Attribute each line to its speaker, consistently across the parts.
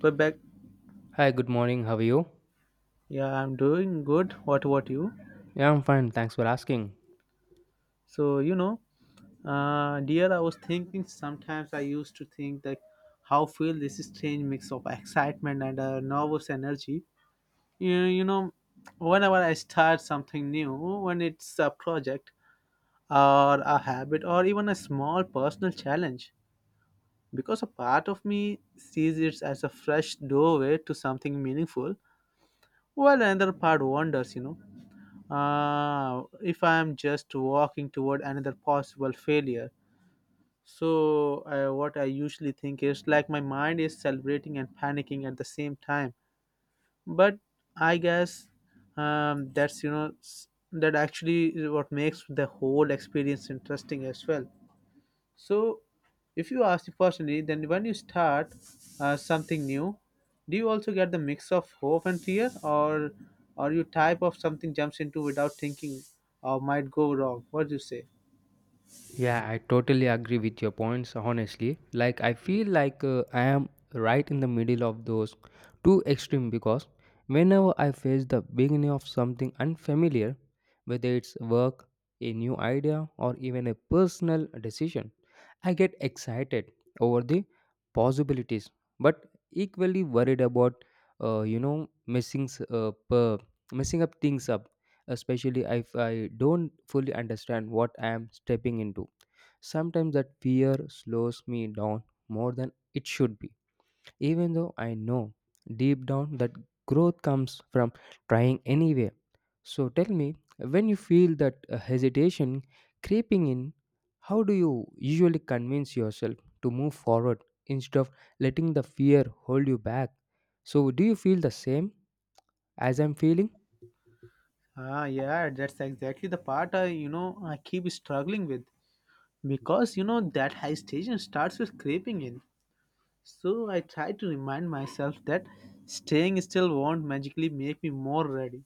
Speaker 1: We're back.
Speaker 2: Hi, good morning. How are you?
Speaker 1: Yeah, I'm doing good. What about you?
Speaker 2: Yeah, I'm fine. Thanks for asking.
Speaker 1: So, dear, I was thinking sometimes I used to think that how feel this strange mix of excitement and nervous energy. You, you know, Whenever I start something new, when it's a project or a habit or even a small personal challenge, because a part of me sees it as a fresh doorway to something meaningful, while another part wonders, if I am just walking toward another possible failure. So, what I usually think is like my mind is celebrating and panicking at the same time. But I guess that's that actually is what makes the whole experience interesting as well. So, if you ask me personally, then when you start something new, do you also get the mix of hope and fear, or you type of something jumps into without thinking or might go wrong? What do you say?
Speaker 2: Yeah, I totally agree with your points, honestly. Like, I feel like I am right in the middle of those two extreme because whenever I face the beginning of something unfamiliar, whether it's work, a new idea, or even a personal decision, I get excited over the possibilities, but equally worried about uh, you know messing s- up, uh, messing up things up, especially if I don't fully understand what I am stepping into. Sometimes that fear slows me down more than it should be even though I know deep down that growth comes from trying anyway. So tell me, when you feel that hesitation creeping in, how do you usually convince yourself to move forward instead of letting the fear hold you back? So, do you feel the same as I'm feeling?
Speaker 1: Ah, yeah, that's exactly the part I you know I keep struggling with because you know that hesitation starts with creeping in. So I try to remind myself that staying still won't magically make me more ready.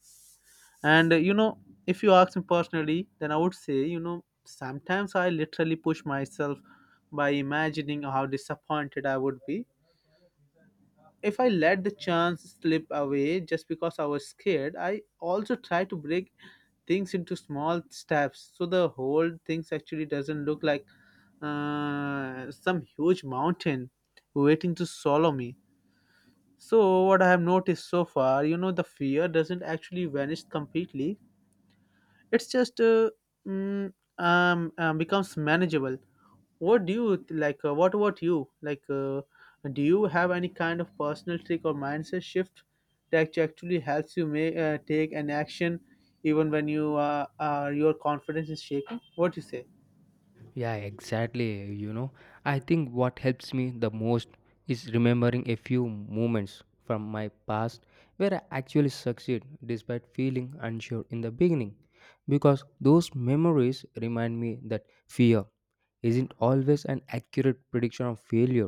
Speaker 1: And you know, if you ask me personally, then I would say, you know, sometimes I literally push myself by imagining how disappointed I would be. If I let the chance slip away just because I was scared, I also try to break things into small steps so the whole things actually doesn't look like some huge mountain waiting to swallow me. So, what I have noticed so far, you know, the fear doesn't actually vanish completely. It's just becomes manageable. What do you th- like? What about you? Like, do you have any kind of personal trick or mindset shift that actually helps you make take an action even when you your confidence is shaking? What do you say?
Speaker 2: Yeah, exactly. You know, I think what helps me the most is remembering a few moments from my past where I actually succeed despite feeling unsure in the beginning. Because those memories remind me that fear isn't always an accurate prediction of failure.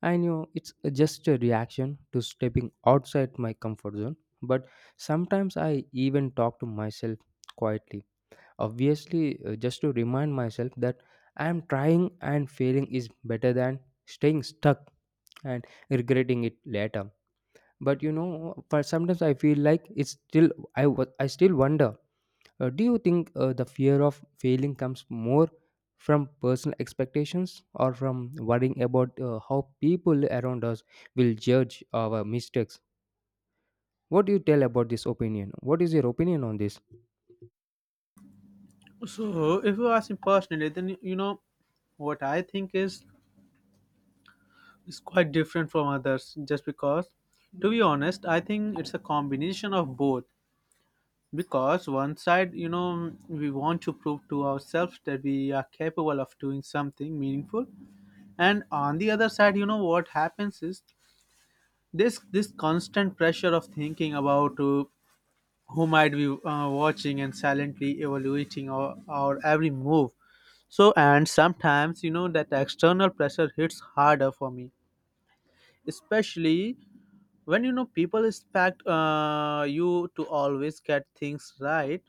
Speaker 2: I know it's just a reaction to stepping outside my comfort zone, but sometimes I even talk to myself quietly. Obviously, just to remind myself that I am trying and failing is better than staying stuck and regretting it later. But you know, for sometimes I feel like it's still I still wonder. Do you think the fear of failing comes more from personal expectations or from worrying about how people around us will judge our mistakes? What do you tell about this opinion? What is your opinion on this?
Speaker 1: So, if you ask me personally, then you know what I think is quite different from others. Just because, to be honest, I think it's a combination of both because one side you know we want to prove to ourselves that we are capable of doing something meaningful and on the other side you know what happens is this constant pressure of thinking about who might be watching and silently evaluating our every move so and sometimes you know that external pressure hits harder for me especially when you know people expect you to always get things right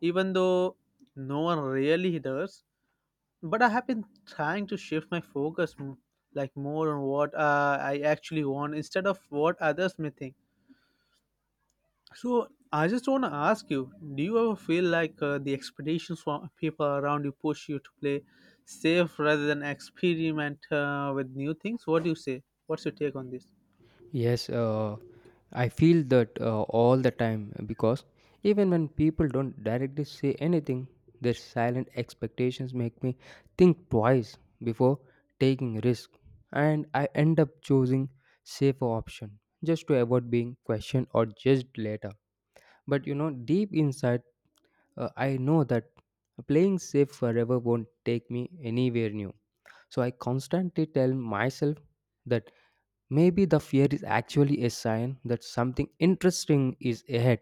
Speaker 1: even though no one really does. But I have been trying to shift my focus like more on what I actually want instead of what others may think. So I just want to ask you do you ever feel like the expectations from people around you push you to play safe rather than experiment with new things? What do you say? What's your take on this?
Speaker 2: Yes, I feel that all the time because even when people don't directly say anything, their silent expectations make me think twice before taking risk, and I end up choosing safer option just to avoid being questioned or judged later. But you know, deep inside, I know that playing safe forever won't take me anywhere new. So I constantly tell myself that maybe the fear is actually a sign that something interesting is ahead,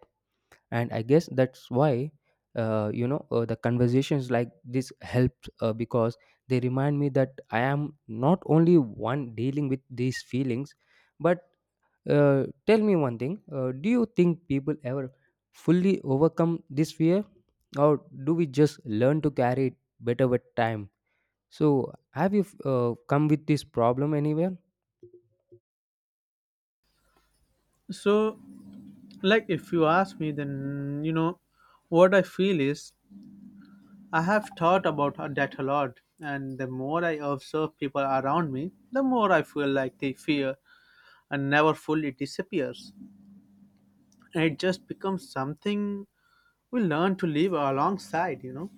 Speaker 2: and I guess that's why the conversations like this helped because they remind me that I am not only one dealing with these feelings. But tell me one thing: Do you think people ever fully overcome this fear, or do we just learn to carry it better with time? So, have you come with this problem anywhere?
Speaker 1: So, like, if you ask me, then you know what I feel is I have thought about that a lot, and the more I observe people around me, the more I feel like the fear and never fully disappears. It just becomes something we learn to live alongside, you know.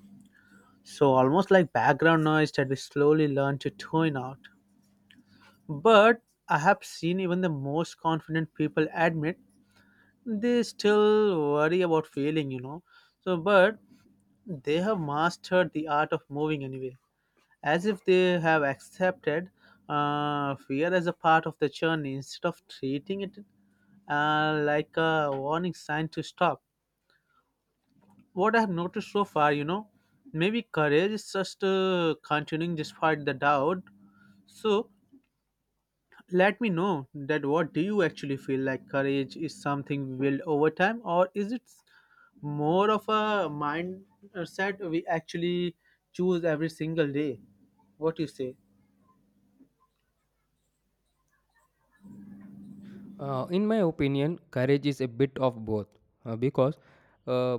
Speaker 1: So almost like background noise that we slowly learn to tune out. But I have seen even the most confident people admit they still worry about failing, you know. So, but they have mastered the art of moving anyway, as if they have accepted fear as a part of the journey instead of treating it like a warning sign to stop. What I have noticed so far, you know, maybe courage is just continuing despite the doubt. So let me know that what do you actually feel like courage is something we build over time, or is it more of a mindset we actually choose every single day? What do you say?
Speaker 2: In my opinion, courage is a bit of both because uh,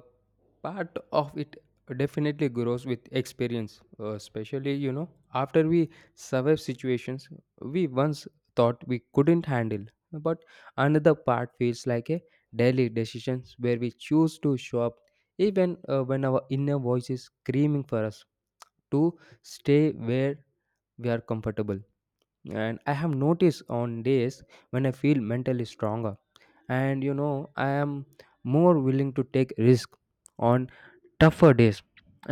Speaker 2: part of it definitely grows with experience, especially, you know, after we survive situations we once thought we couldn't handle. But another part feels like a daily decisions where we choose to show up even when our inner voice is screaming for us to stay where we are comfortable. And I have noticed on days when I feel mentally stronger and you know I am more willing to take risk on tougher days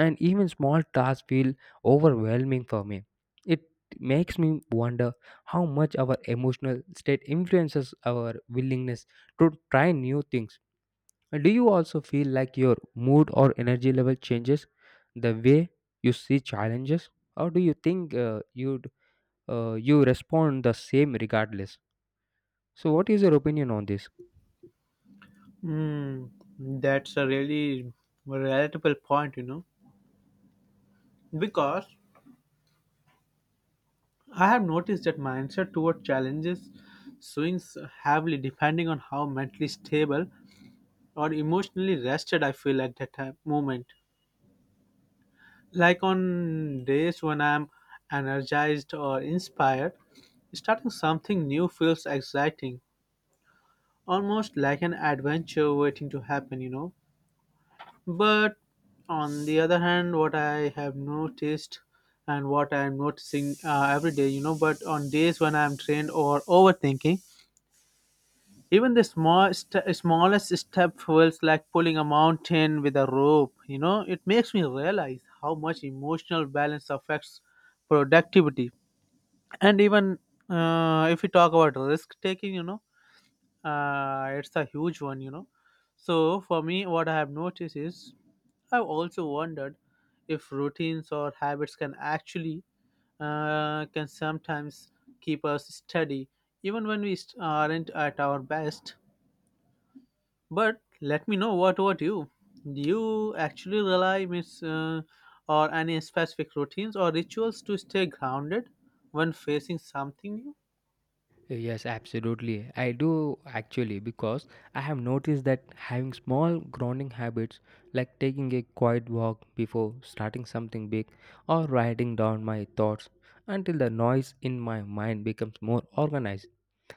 Speaker 2: and even small tasks feel overwhelming for me, it makes me wonder how much our emotional state influences our willingness to try new things. Do you also feel like your mood or energy level changes the way you see challenges, or do you think you respond the same regardless? So what is your opinion on this?
Speaker 1: Mm, that's a really relatable point, you know, because I have noticed that mindset toward challenges swings heavily depending on how mentally stable or emotionally rested I feel at that time, moment. Like on days when I'm energized or inspired, starting something new feels exciting, almost like an adventure waiting to happen, you know. But on the other hand, what I have noticed and what I'm noticing every day, you know, but on days when I'm trained or overthinking, even the smallest step feels like pulling a mountain with a rope. You know, it makes me realize how much emotional balance affects productivity. And even if we talk about risk taking, you know, it's a huge one you know so for me what I have noticed is I've also wondered if routines or habits can actually can sometimes keep us steady even when we aren't at our best but let me know what about you do you actually rely miss or any specific routines or rituals to stay grounded when facing something new.
Speaker 2: Yes, absolutely. I do actually because I have noticed that having small grounding habits like taking a quiet walk before starting something big or writing down my thoughts until the noise in my mind becomes more organized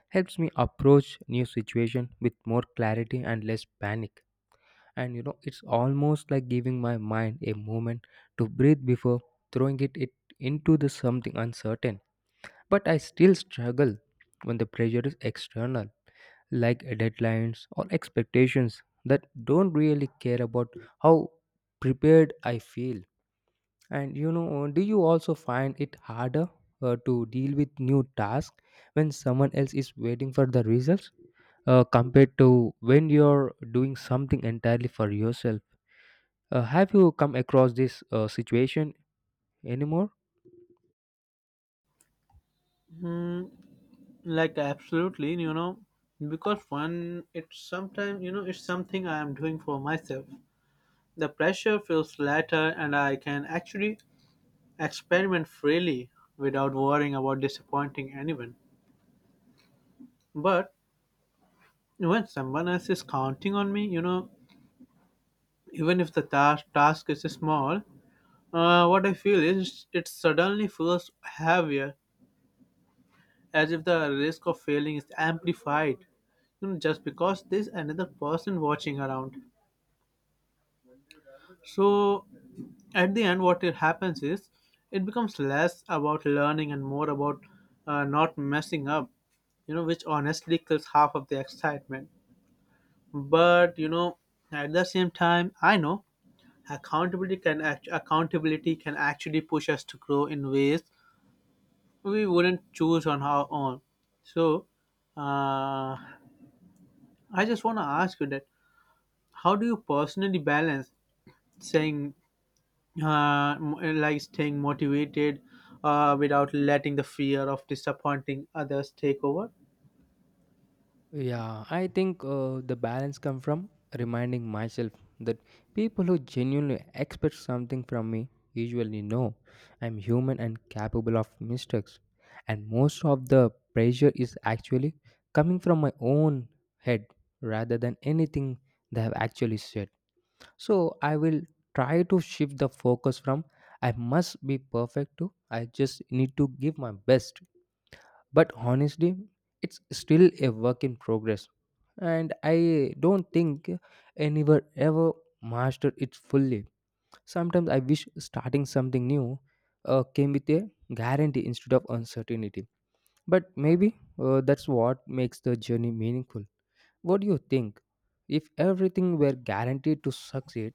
Speaker 2: helps me approach new situation with more clarity and less panic. And you know, it's almost like giving my mind a moment to breathe before throwing it into the something uncertain. But I still struggle when the pressure is external, like deadlines or expectations that don't really care about how prepared I feel. And you know, do you also find it harder to deal with new tasks when someone else is waiting for the results compared to when you're doing something entirely for yourself? Have you come across this situation anymore?
Speaker 1: Hmm, like absolutely you know because one it's sometimes you know it's something I am doing for myself the pressure feels lighter and I can actually experiment freely without worrying about disappointing anyone but when someone else is counting on me you know even if the task is small what I feel is it suddenly feels heavier as if the risk of failing is amplified you know just because there's another person watching around. So at the end, what it happens is it becomes less about learning and more about not messing up, you know, which honestly kills half of the excitement. But you know, at the same time, I know accountability can actually push us to grow in ways we wouldn't choose on our own. So uh, I just want to ask you that: How do you personally balance saying uh, m- like staying motivated without letting the fear of disappointing others take over.
Speaker 2: Yeah, I think the balance come from reminding myself that people who genuinely expect something from me usually know I'm human and capable of mistakes. And most of the pressure is actually coming from my own head rather than anything they have actually said. So I will try to shift the focus from I must be perfect to I just need to give my best, but honestly it's still a work in progress and I don't think anyone ever mastered it fully. Sometimes I wish starting something new came with a guarantee instead of uncertainty, but maybe that's what makes the journey meaningful. What do you think, if everything were guaranteed to succeed,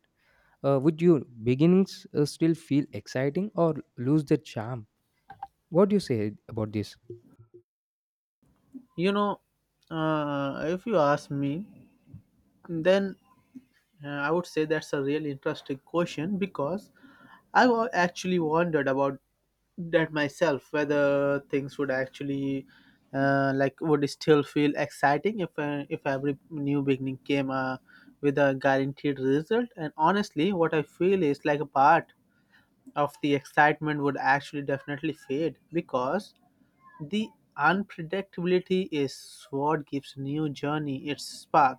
Speaker 2: would your beginnings still feel exciting or lose their charm? What do you say about this?
Speaker 1: You know, if you ask me, then I would say that's a really interesting question because I actually wondered about that myself whether things would actually like would still feel exciting if every new beginning came with a guaranteed result and honestly what I feel is like a part of the excitement would actually definitely fade because the unpredictability is what gives new journey its spark.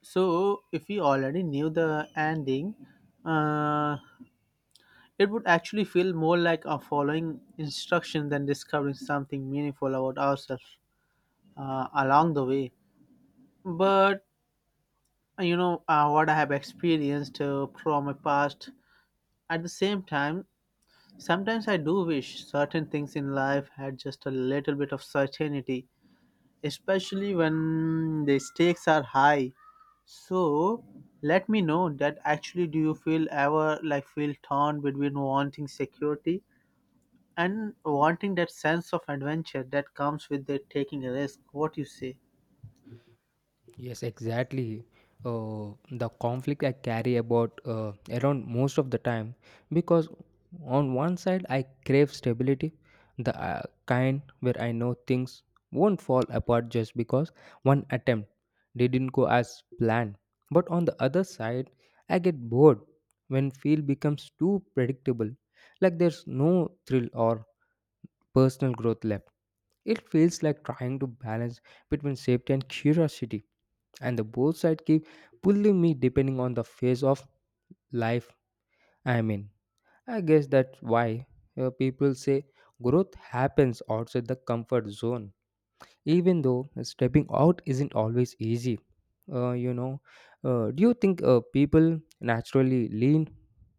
Speaker 1: So if we already knew the ending, uh, it would actually feel more like a following instruction than discovering something meaningful about ourselves along the way. But you know what I have experienced from my past. At the same time, sometimes I do wish certain things in life had just a little bit of certainty, especially when the stakes are high. So let me know that actually do you feel ever like feel torn between wanting security and wanting that sense of adventure that comes with the taking a risk? What you say?
Speaker 2: Yes, exactly. The conflict I carry about around most of the time because on one side I crave stability, the kind where I know things won't fall apart just because one attempt didn't go as planned. But on the other side, I get bored when field becomes too predictable, like there's no thrill or personal growth left. It feels like trying to balance between safety and curiosity and the both side keep pulling me depending on the phase of life I am in. I guess that's why people say growth happens outside the comfort zone even though stepping out isn't always easy. uh, you know do you think people naturally lean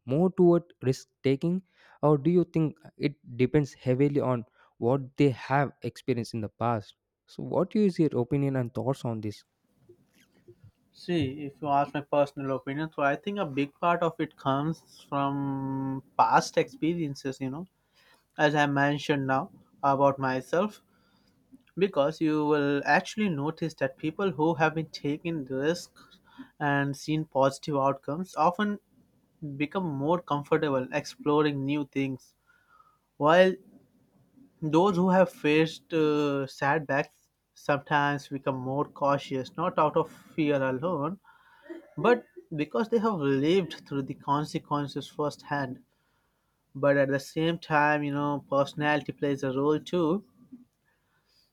Speaker 2: more toward risk taking, or do you think it depends heavily on what they have experienced in the past? So what is your opinion and thoughts on this?
Speaker 1: See, if you ask my personal opinion, so I think a big part of it comes from past experiences, you know, as I mentioned now about myself, because you will actually notice that people who have been taking risks and seen positive outcomes often become more comfortable exploring new things while those who have faced setbacks sometimes become more cautious not out of fear alone but because they have lived through the consequences firsthand but at the same time you know personality plays a role too.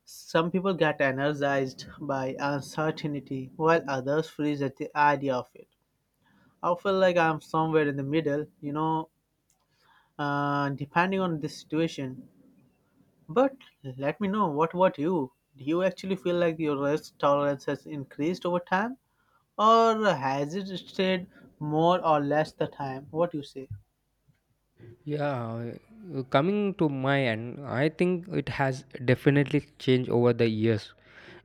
Speaker 1: Some people get energized by uncertainty, while others freeze at the idea of it. I feel like I'm somewhere in the middle, you know, depending on the situation. But let me know what about you? Do you actually feel like your risk tolerance has increased over time, or has it stayed more or less the time? What you say?
Speaker 2: Yeah, coming to my end, I think it has definitely changed over the years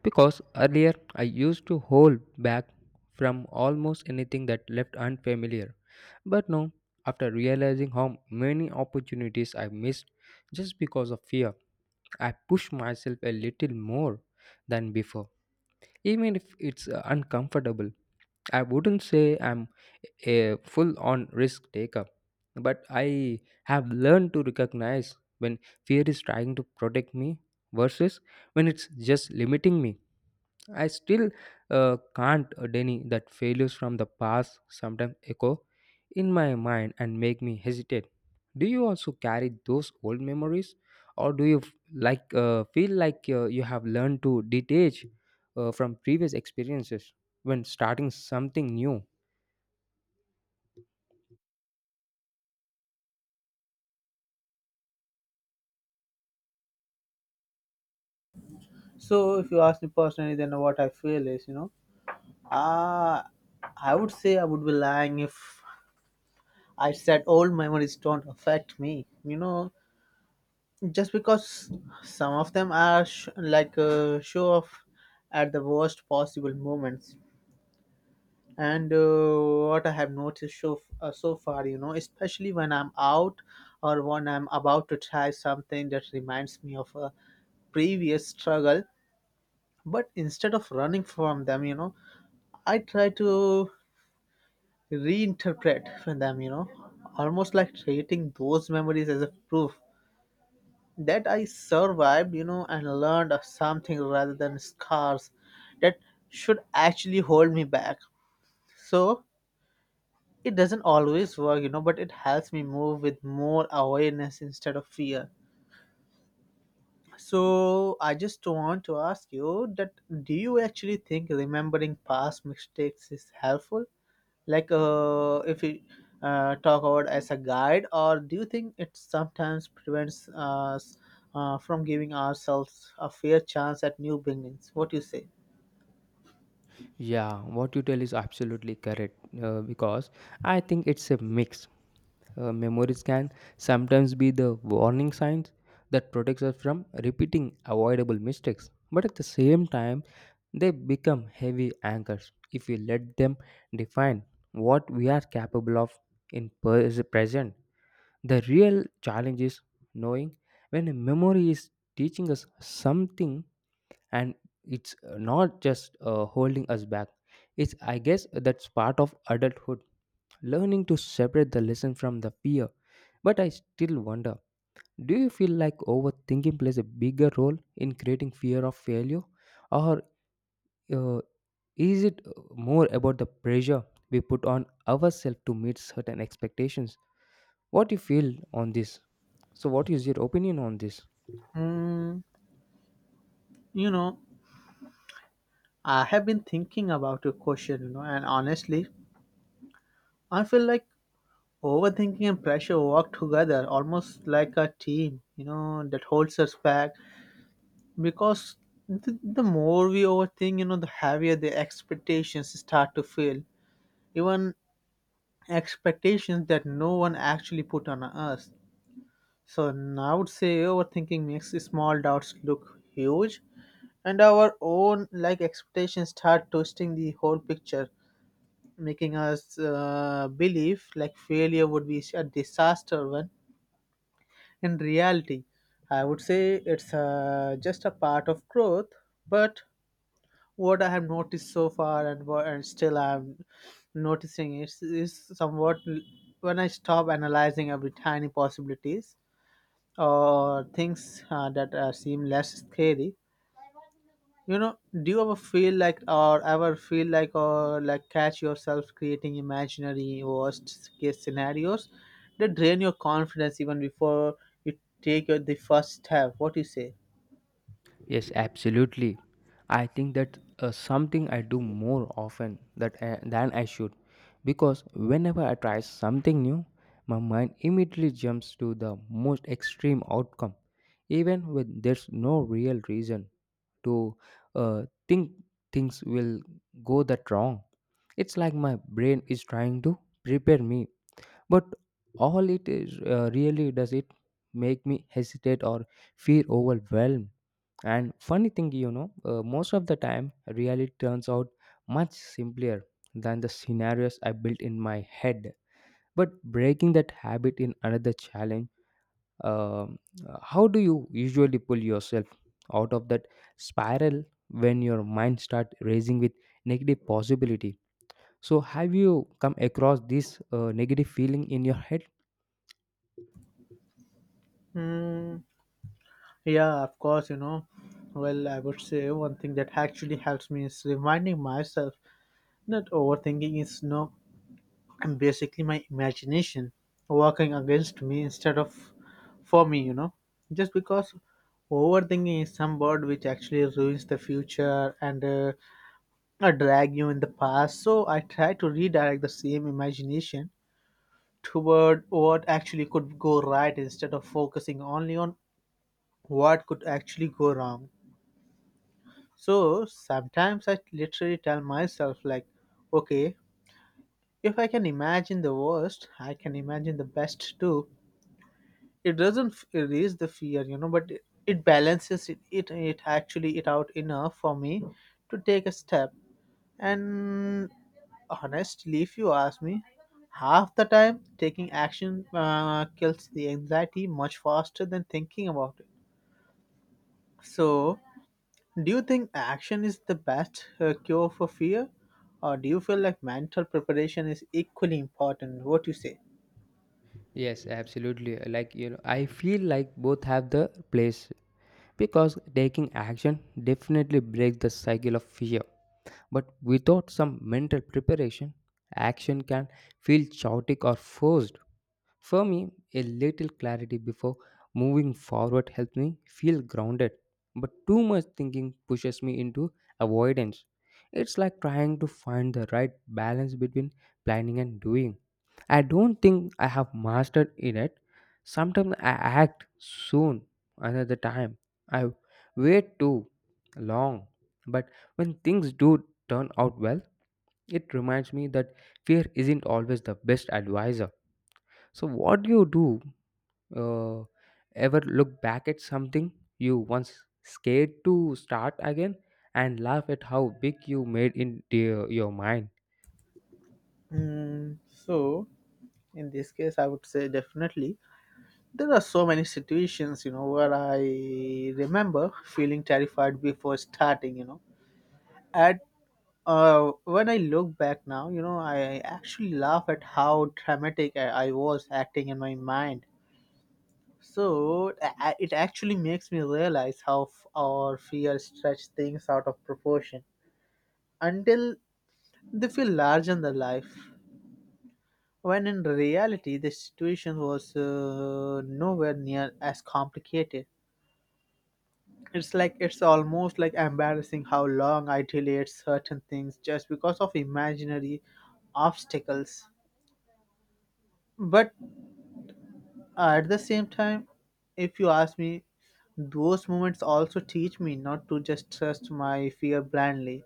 Speaker 2: because earlier I used to hold back from almost anything that left unfamiliar. But now, after realizing how many opportunities I missed just because of fear, I push myself a little more than before, even if it's uncomfortable. I wouldn't say I'm a full on risk taker, but I have learned to recognize when fear is trying to protect me versus when it's just limiting me. I still can't deny that failures from the past sometimes echo in my mind and make me hesitate. Do you also carry those old memories, or do you feel like you have learned to detach from previous experiences when starting something new?
Speaker 1: So, if you ask me personally, then what I feel is, you know, uh, I would say I would be lying if I said old memories don't affect me. You know, just because some of them are show off at the worst possible moments. And what I have noticed so, so far, you know, especially when I'm out or when I'm about to try something that reminds me of a previous struggle, but instead of running from them, you know, I try to reinterpret for them, you know, almost like treating those memories as a proof that I survived, you know, and learned something rather than scars that should actually hold me back. So it doesn't always work, you know, but it helps me move with more awareness instead of fear. So I just want to ask you that do you actually think remembering past mistakes is helpful? Like if we talk about as a guide, or do you think it sometimes prevents us from giving ourselves a fair chance at new beginnings? What do you say?
Speaker 2: Yeah, what you tell is absolutely correct because I think it's a mix. Memories can sometimes be the warning signs that protects us from repeating avoidable mistakes, but at the same time they become heavy anchors if we let them define what we are capable of in present. The real challenge is knowing when a memory is teaching us something and it's not just holding us back. It's I guess that's part of adulthood, learning to separate the lesson from the fear. But I still wonder, do you feel like overthinking plays a bigger role in creating fear of failure? Or uh, is it more about the pressure we put on ourselves to meet certain expectations? What do you feel on this? So, what is your opinion on this?
Speaker 1: Mm, you know, I have been thinking about your question, you know, and honestly, I feel like overthinking and pressure work together almost like a team, you know, that holds us back because the more we overthink, you know, the heavier the expectations start to feel, even expectations that no one actually put on us. So now I would say overthinking makes small doubts look huge, and our own like expectations start twisting the whole picture, making us believe like failure would be a disaster when in reality I would say it's just a part of growth. But what I have noticed so far and what and still I'm noticing is when I stop analyzing every tiny possibilities or things that seem less scary. You know, do you ever feel like or ever feel like or like catch yourself creating imaginary worst case scenarios that drain your confidence even before you take the first step? What do you say?
Speaker 2: Yes, absolutely. I think that something I do more often that than I should because whenever I try something new, my mind immediately jumps to the most extreme outcome, even when there's no real reason to think things will go that wrong. It's like my brain is trying to prepare me, but all it is really does it make me hesitate or feel overwhelmed. And funny thing, you know, most of the time, reality turns out much simpler than the scenarios I built in my head. But breaking that habit in another challenge, um, how do you usually pull yourself out of that spiral when your mind starts racing with negative possibility? So, have you come across this negative feeling in your head?
Speaker 1: Hmm. Yeah, of course, you know. Well, I would say one thing that actually helps me is reminding myself that overthinking is no and basically my imagination working against me instead of for me, you know. Just because overthinking is some word which actually ruins the future and drag you in the past. So I try to redirect the same imagination toward what actually could go right instead of focusing only on what could actually go wrong. So sometimes I literally tell myself, like, okay, if I can imagine the worst, I can imagine the best too. It doesn't erase the fear, you know, but it balances it actually it out enough for me to take a step. And honestly, if you ask me, half the time taking action kills the anxiety much faster than thinking about it. So do you think action is the best cure for fear, or do you feel like mental preparation is equally important? What you say?
Speaker 2: Yes, absolutely. Like, you know, I feel like both have the place because taking action definitely breaks the cycle of fear. But without some mental preparation, action can feel chaotic or forced. For me, a little clarity before moving forward helps me feel grounded, but too much thinking pushes me into avoidance. It's like trying to find the right balance between planning and doing. I don't think I have mastered in it yet. Sometimes I act soon, another time I wait too long. But when things do turn out well, it reminds me that fear isn't always the best advisor. So, what do you do, uh, ever look back at something you once scared to start again and laugh at how big you made in your mind?
Speaker 1: Mm, so, in this case, I would say definitely there are so many situations, you know, where I remember feeling terrified before starting. You know, at when I look back now, you know, I actually laugh at how dramatic I was acting in my mind. So it actually makes me realize how our fears stretch things out of proportion until they feel larger than life. When in reality, the situation was nowhere near as complicated. It's like it's almost like embarrassing how long I delayed certain things just because of imaginary obstacles. But at the same time, if you ask me, those moments also teach me not to just trust my fear blindly.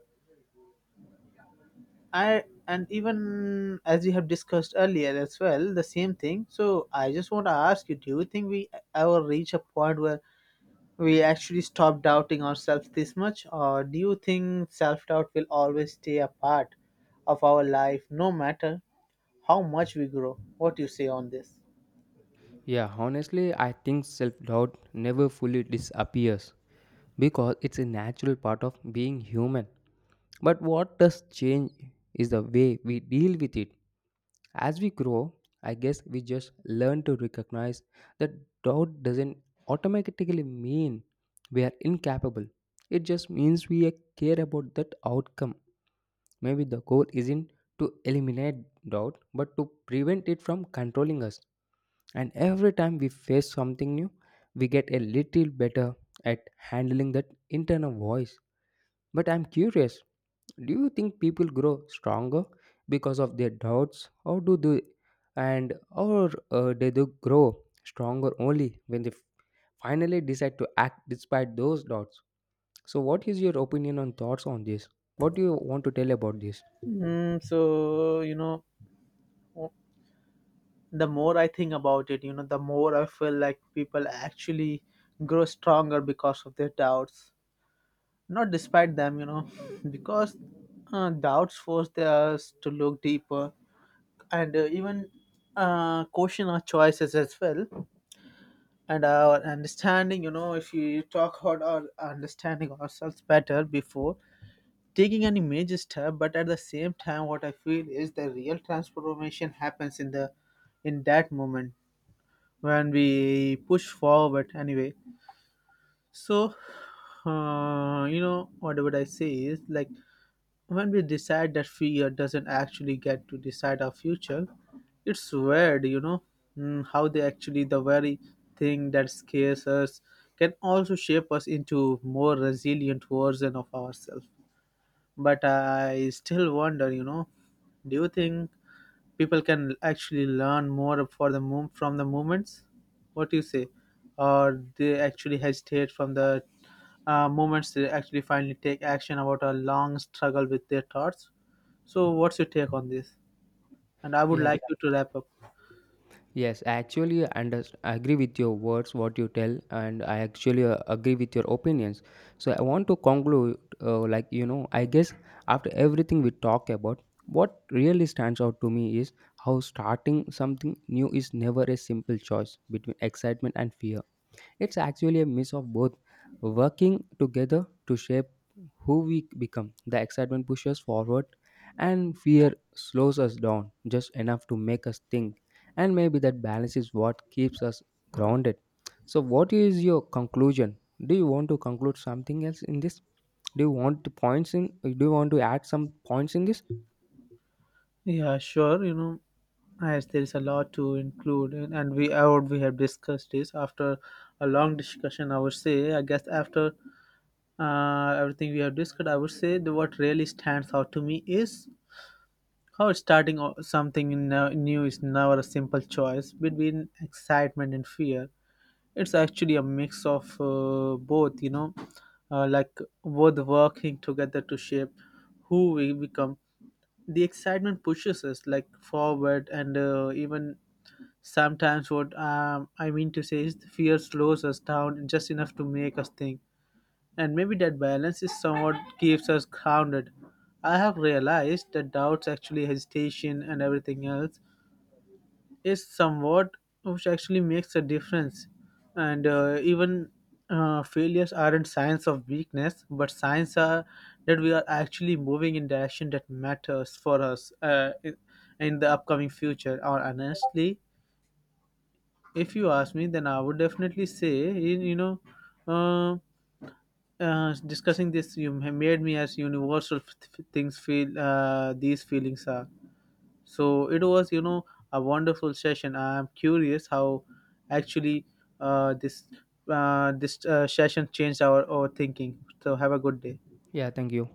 Speaker 1: I and even as we have discussed earlier as well, the same thing. So I just want to ask you, do you think we ever reach a point where we actually stop doubting ourselves this much, or do you think self doubt will always stay a part of our life, no matter how much we grow? What do you say on this?
Speaker 2: Yeah, honestly, I think self doubt never fully disappears because it's a natural part of being human. But what does change is the way we deal with it. As we grow, I guess we just learn to recognize that doubt doesn't automatically mean we are incapable. It just means we care about that outcome. Maybe the goal isn't to eliminate doubt, but to prevent it from controlling us. And every time we face something new, we get a little better at handling that internal voice. But I'm curious, do you think people grow stronger because of their doubts, or do they, and or do they grow stronger only when they finally decide to act despite those doubts? So, what is your opinion on thoughts on this? What do you want to tell about this?
Speaker 1: Mm, so you know, the more I think about it, you know, the more I feel like people actually grow stronger because of their doubts. Not despite them, you know, because doubts force us to look deeper and even question our choices as well and our understanding. You know, if you talk about our understanding ourselves better before taking any major step, but at the same time, what I feel is the real transformation happens in the in that moment when we push forward anyway. So you know, what would I say is like when we decide that fear doesn't actually get to decide our future. It's weird, you know. Mm, how they actually the very thing that scares us can also shape us into more resilient version of ourselves. But I still wonder, you know, do you think people can actually learn more for the move from the movements, what do you say, or they actually hesitate from the moments they actually finally take action about a long struggle with their thoughts? So what's your take on this, and I would
Speaker 2: Yeah.
Speaker 1: like you to wrap up.
Speaker 2: Yes, I actually agree with your words, what you tell, and I actually agree with your opinions. So I want to conclude, like you know, I guess after everything we talk about, what really stands out to me is how starting something new is never a simple choice between excitement and fear. It's actually a mix of both working together to shape who we become. The excitement pushes forward, and fear slows us down just enough to make us think. And maybe that balance is what keeps us grounded. So, what is your conclusion? Do you want to conclude something else in this? Do you want to points in? Do you want to add some points in this?
Speaker 1: Yeah, sure, you know, as there is a lot to include, and we have discussed this after a long discussion. I would say I guess after everything we have discussed, I would say the what really stands out to me is how starting new is never a simple choice between excitement and fear. It's actually a mix of both, you know, like both working together to shape who we become. The excitement pushes us like forward, and even sometimes what I mean to say is the fear slows us down just enough to make us think, and maybe that balance is somewhat keeps us grounded. I have realized that doubts, actually hesitation, and everything else is somewhat which actually makes a difference. And even failures aren't signs of weakness, but signs are that we are actually moving in direction that matters for us in the upcoming future. Or honestly, if you ask me, then I would definitely say, you know. um Discussing this you have made me as universal things feel these feelings are so. It was, you know, a wonderful session. I'm curious how actually uh, this this session changed our thinking. So have a good day.
Speaker 2: Yeah, thank you.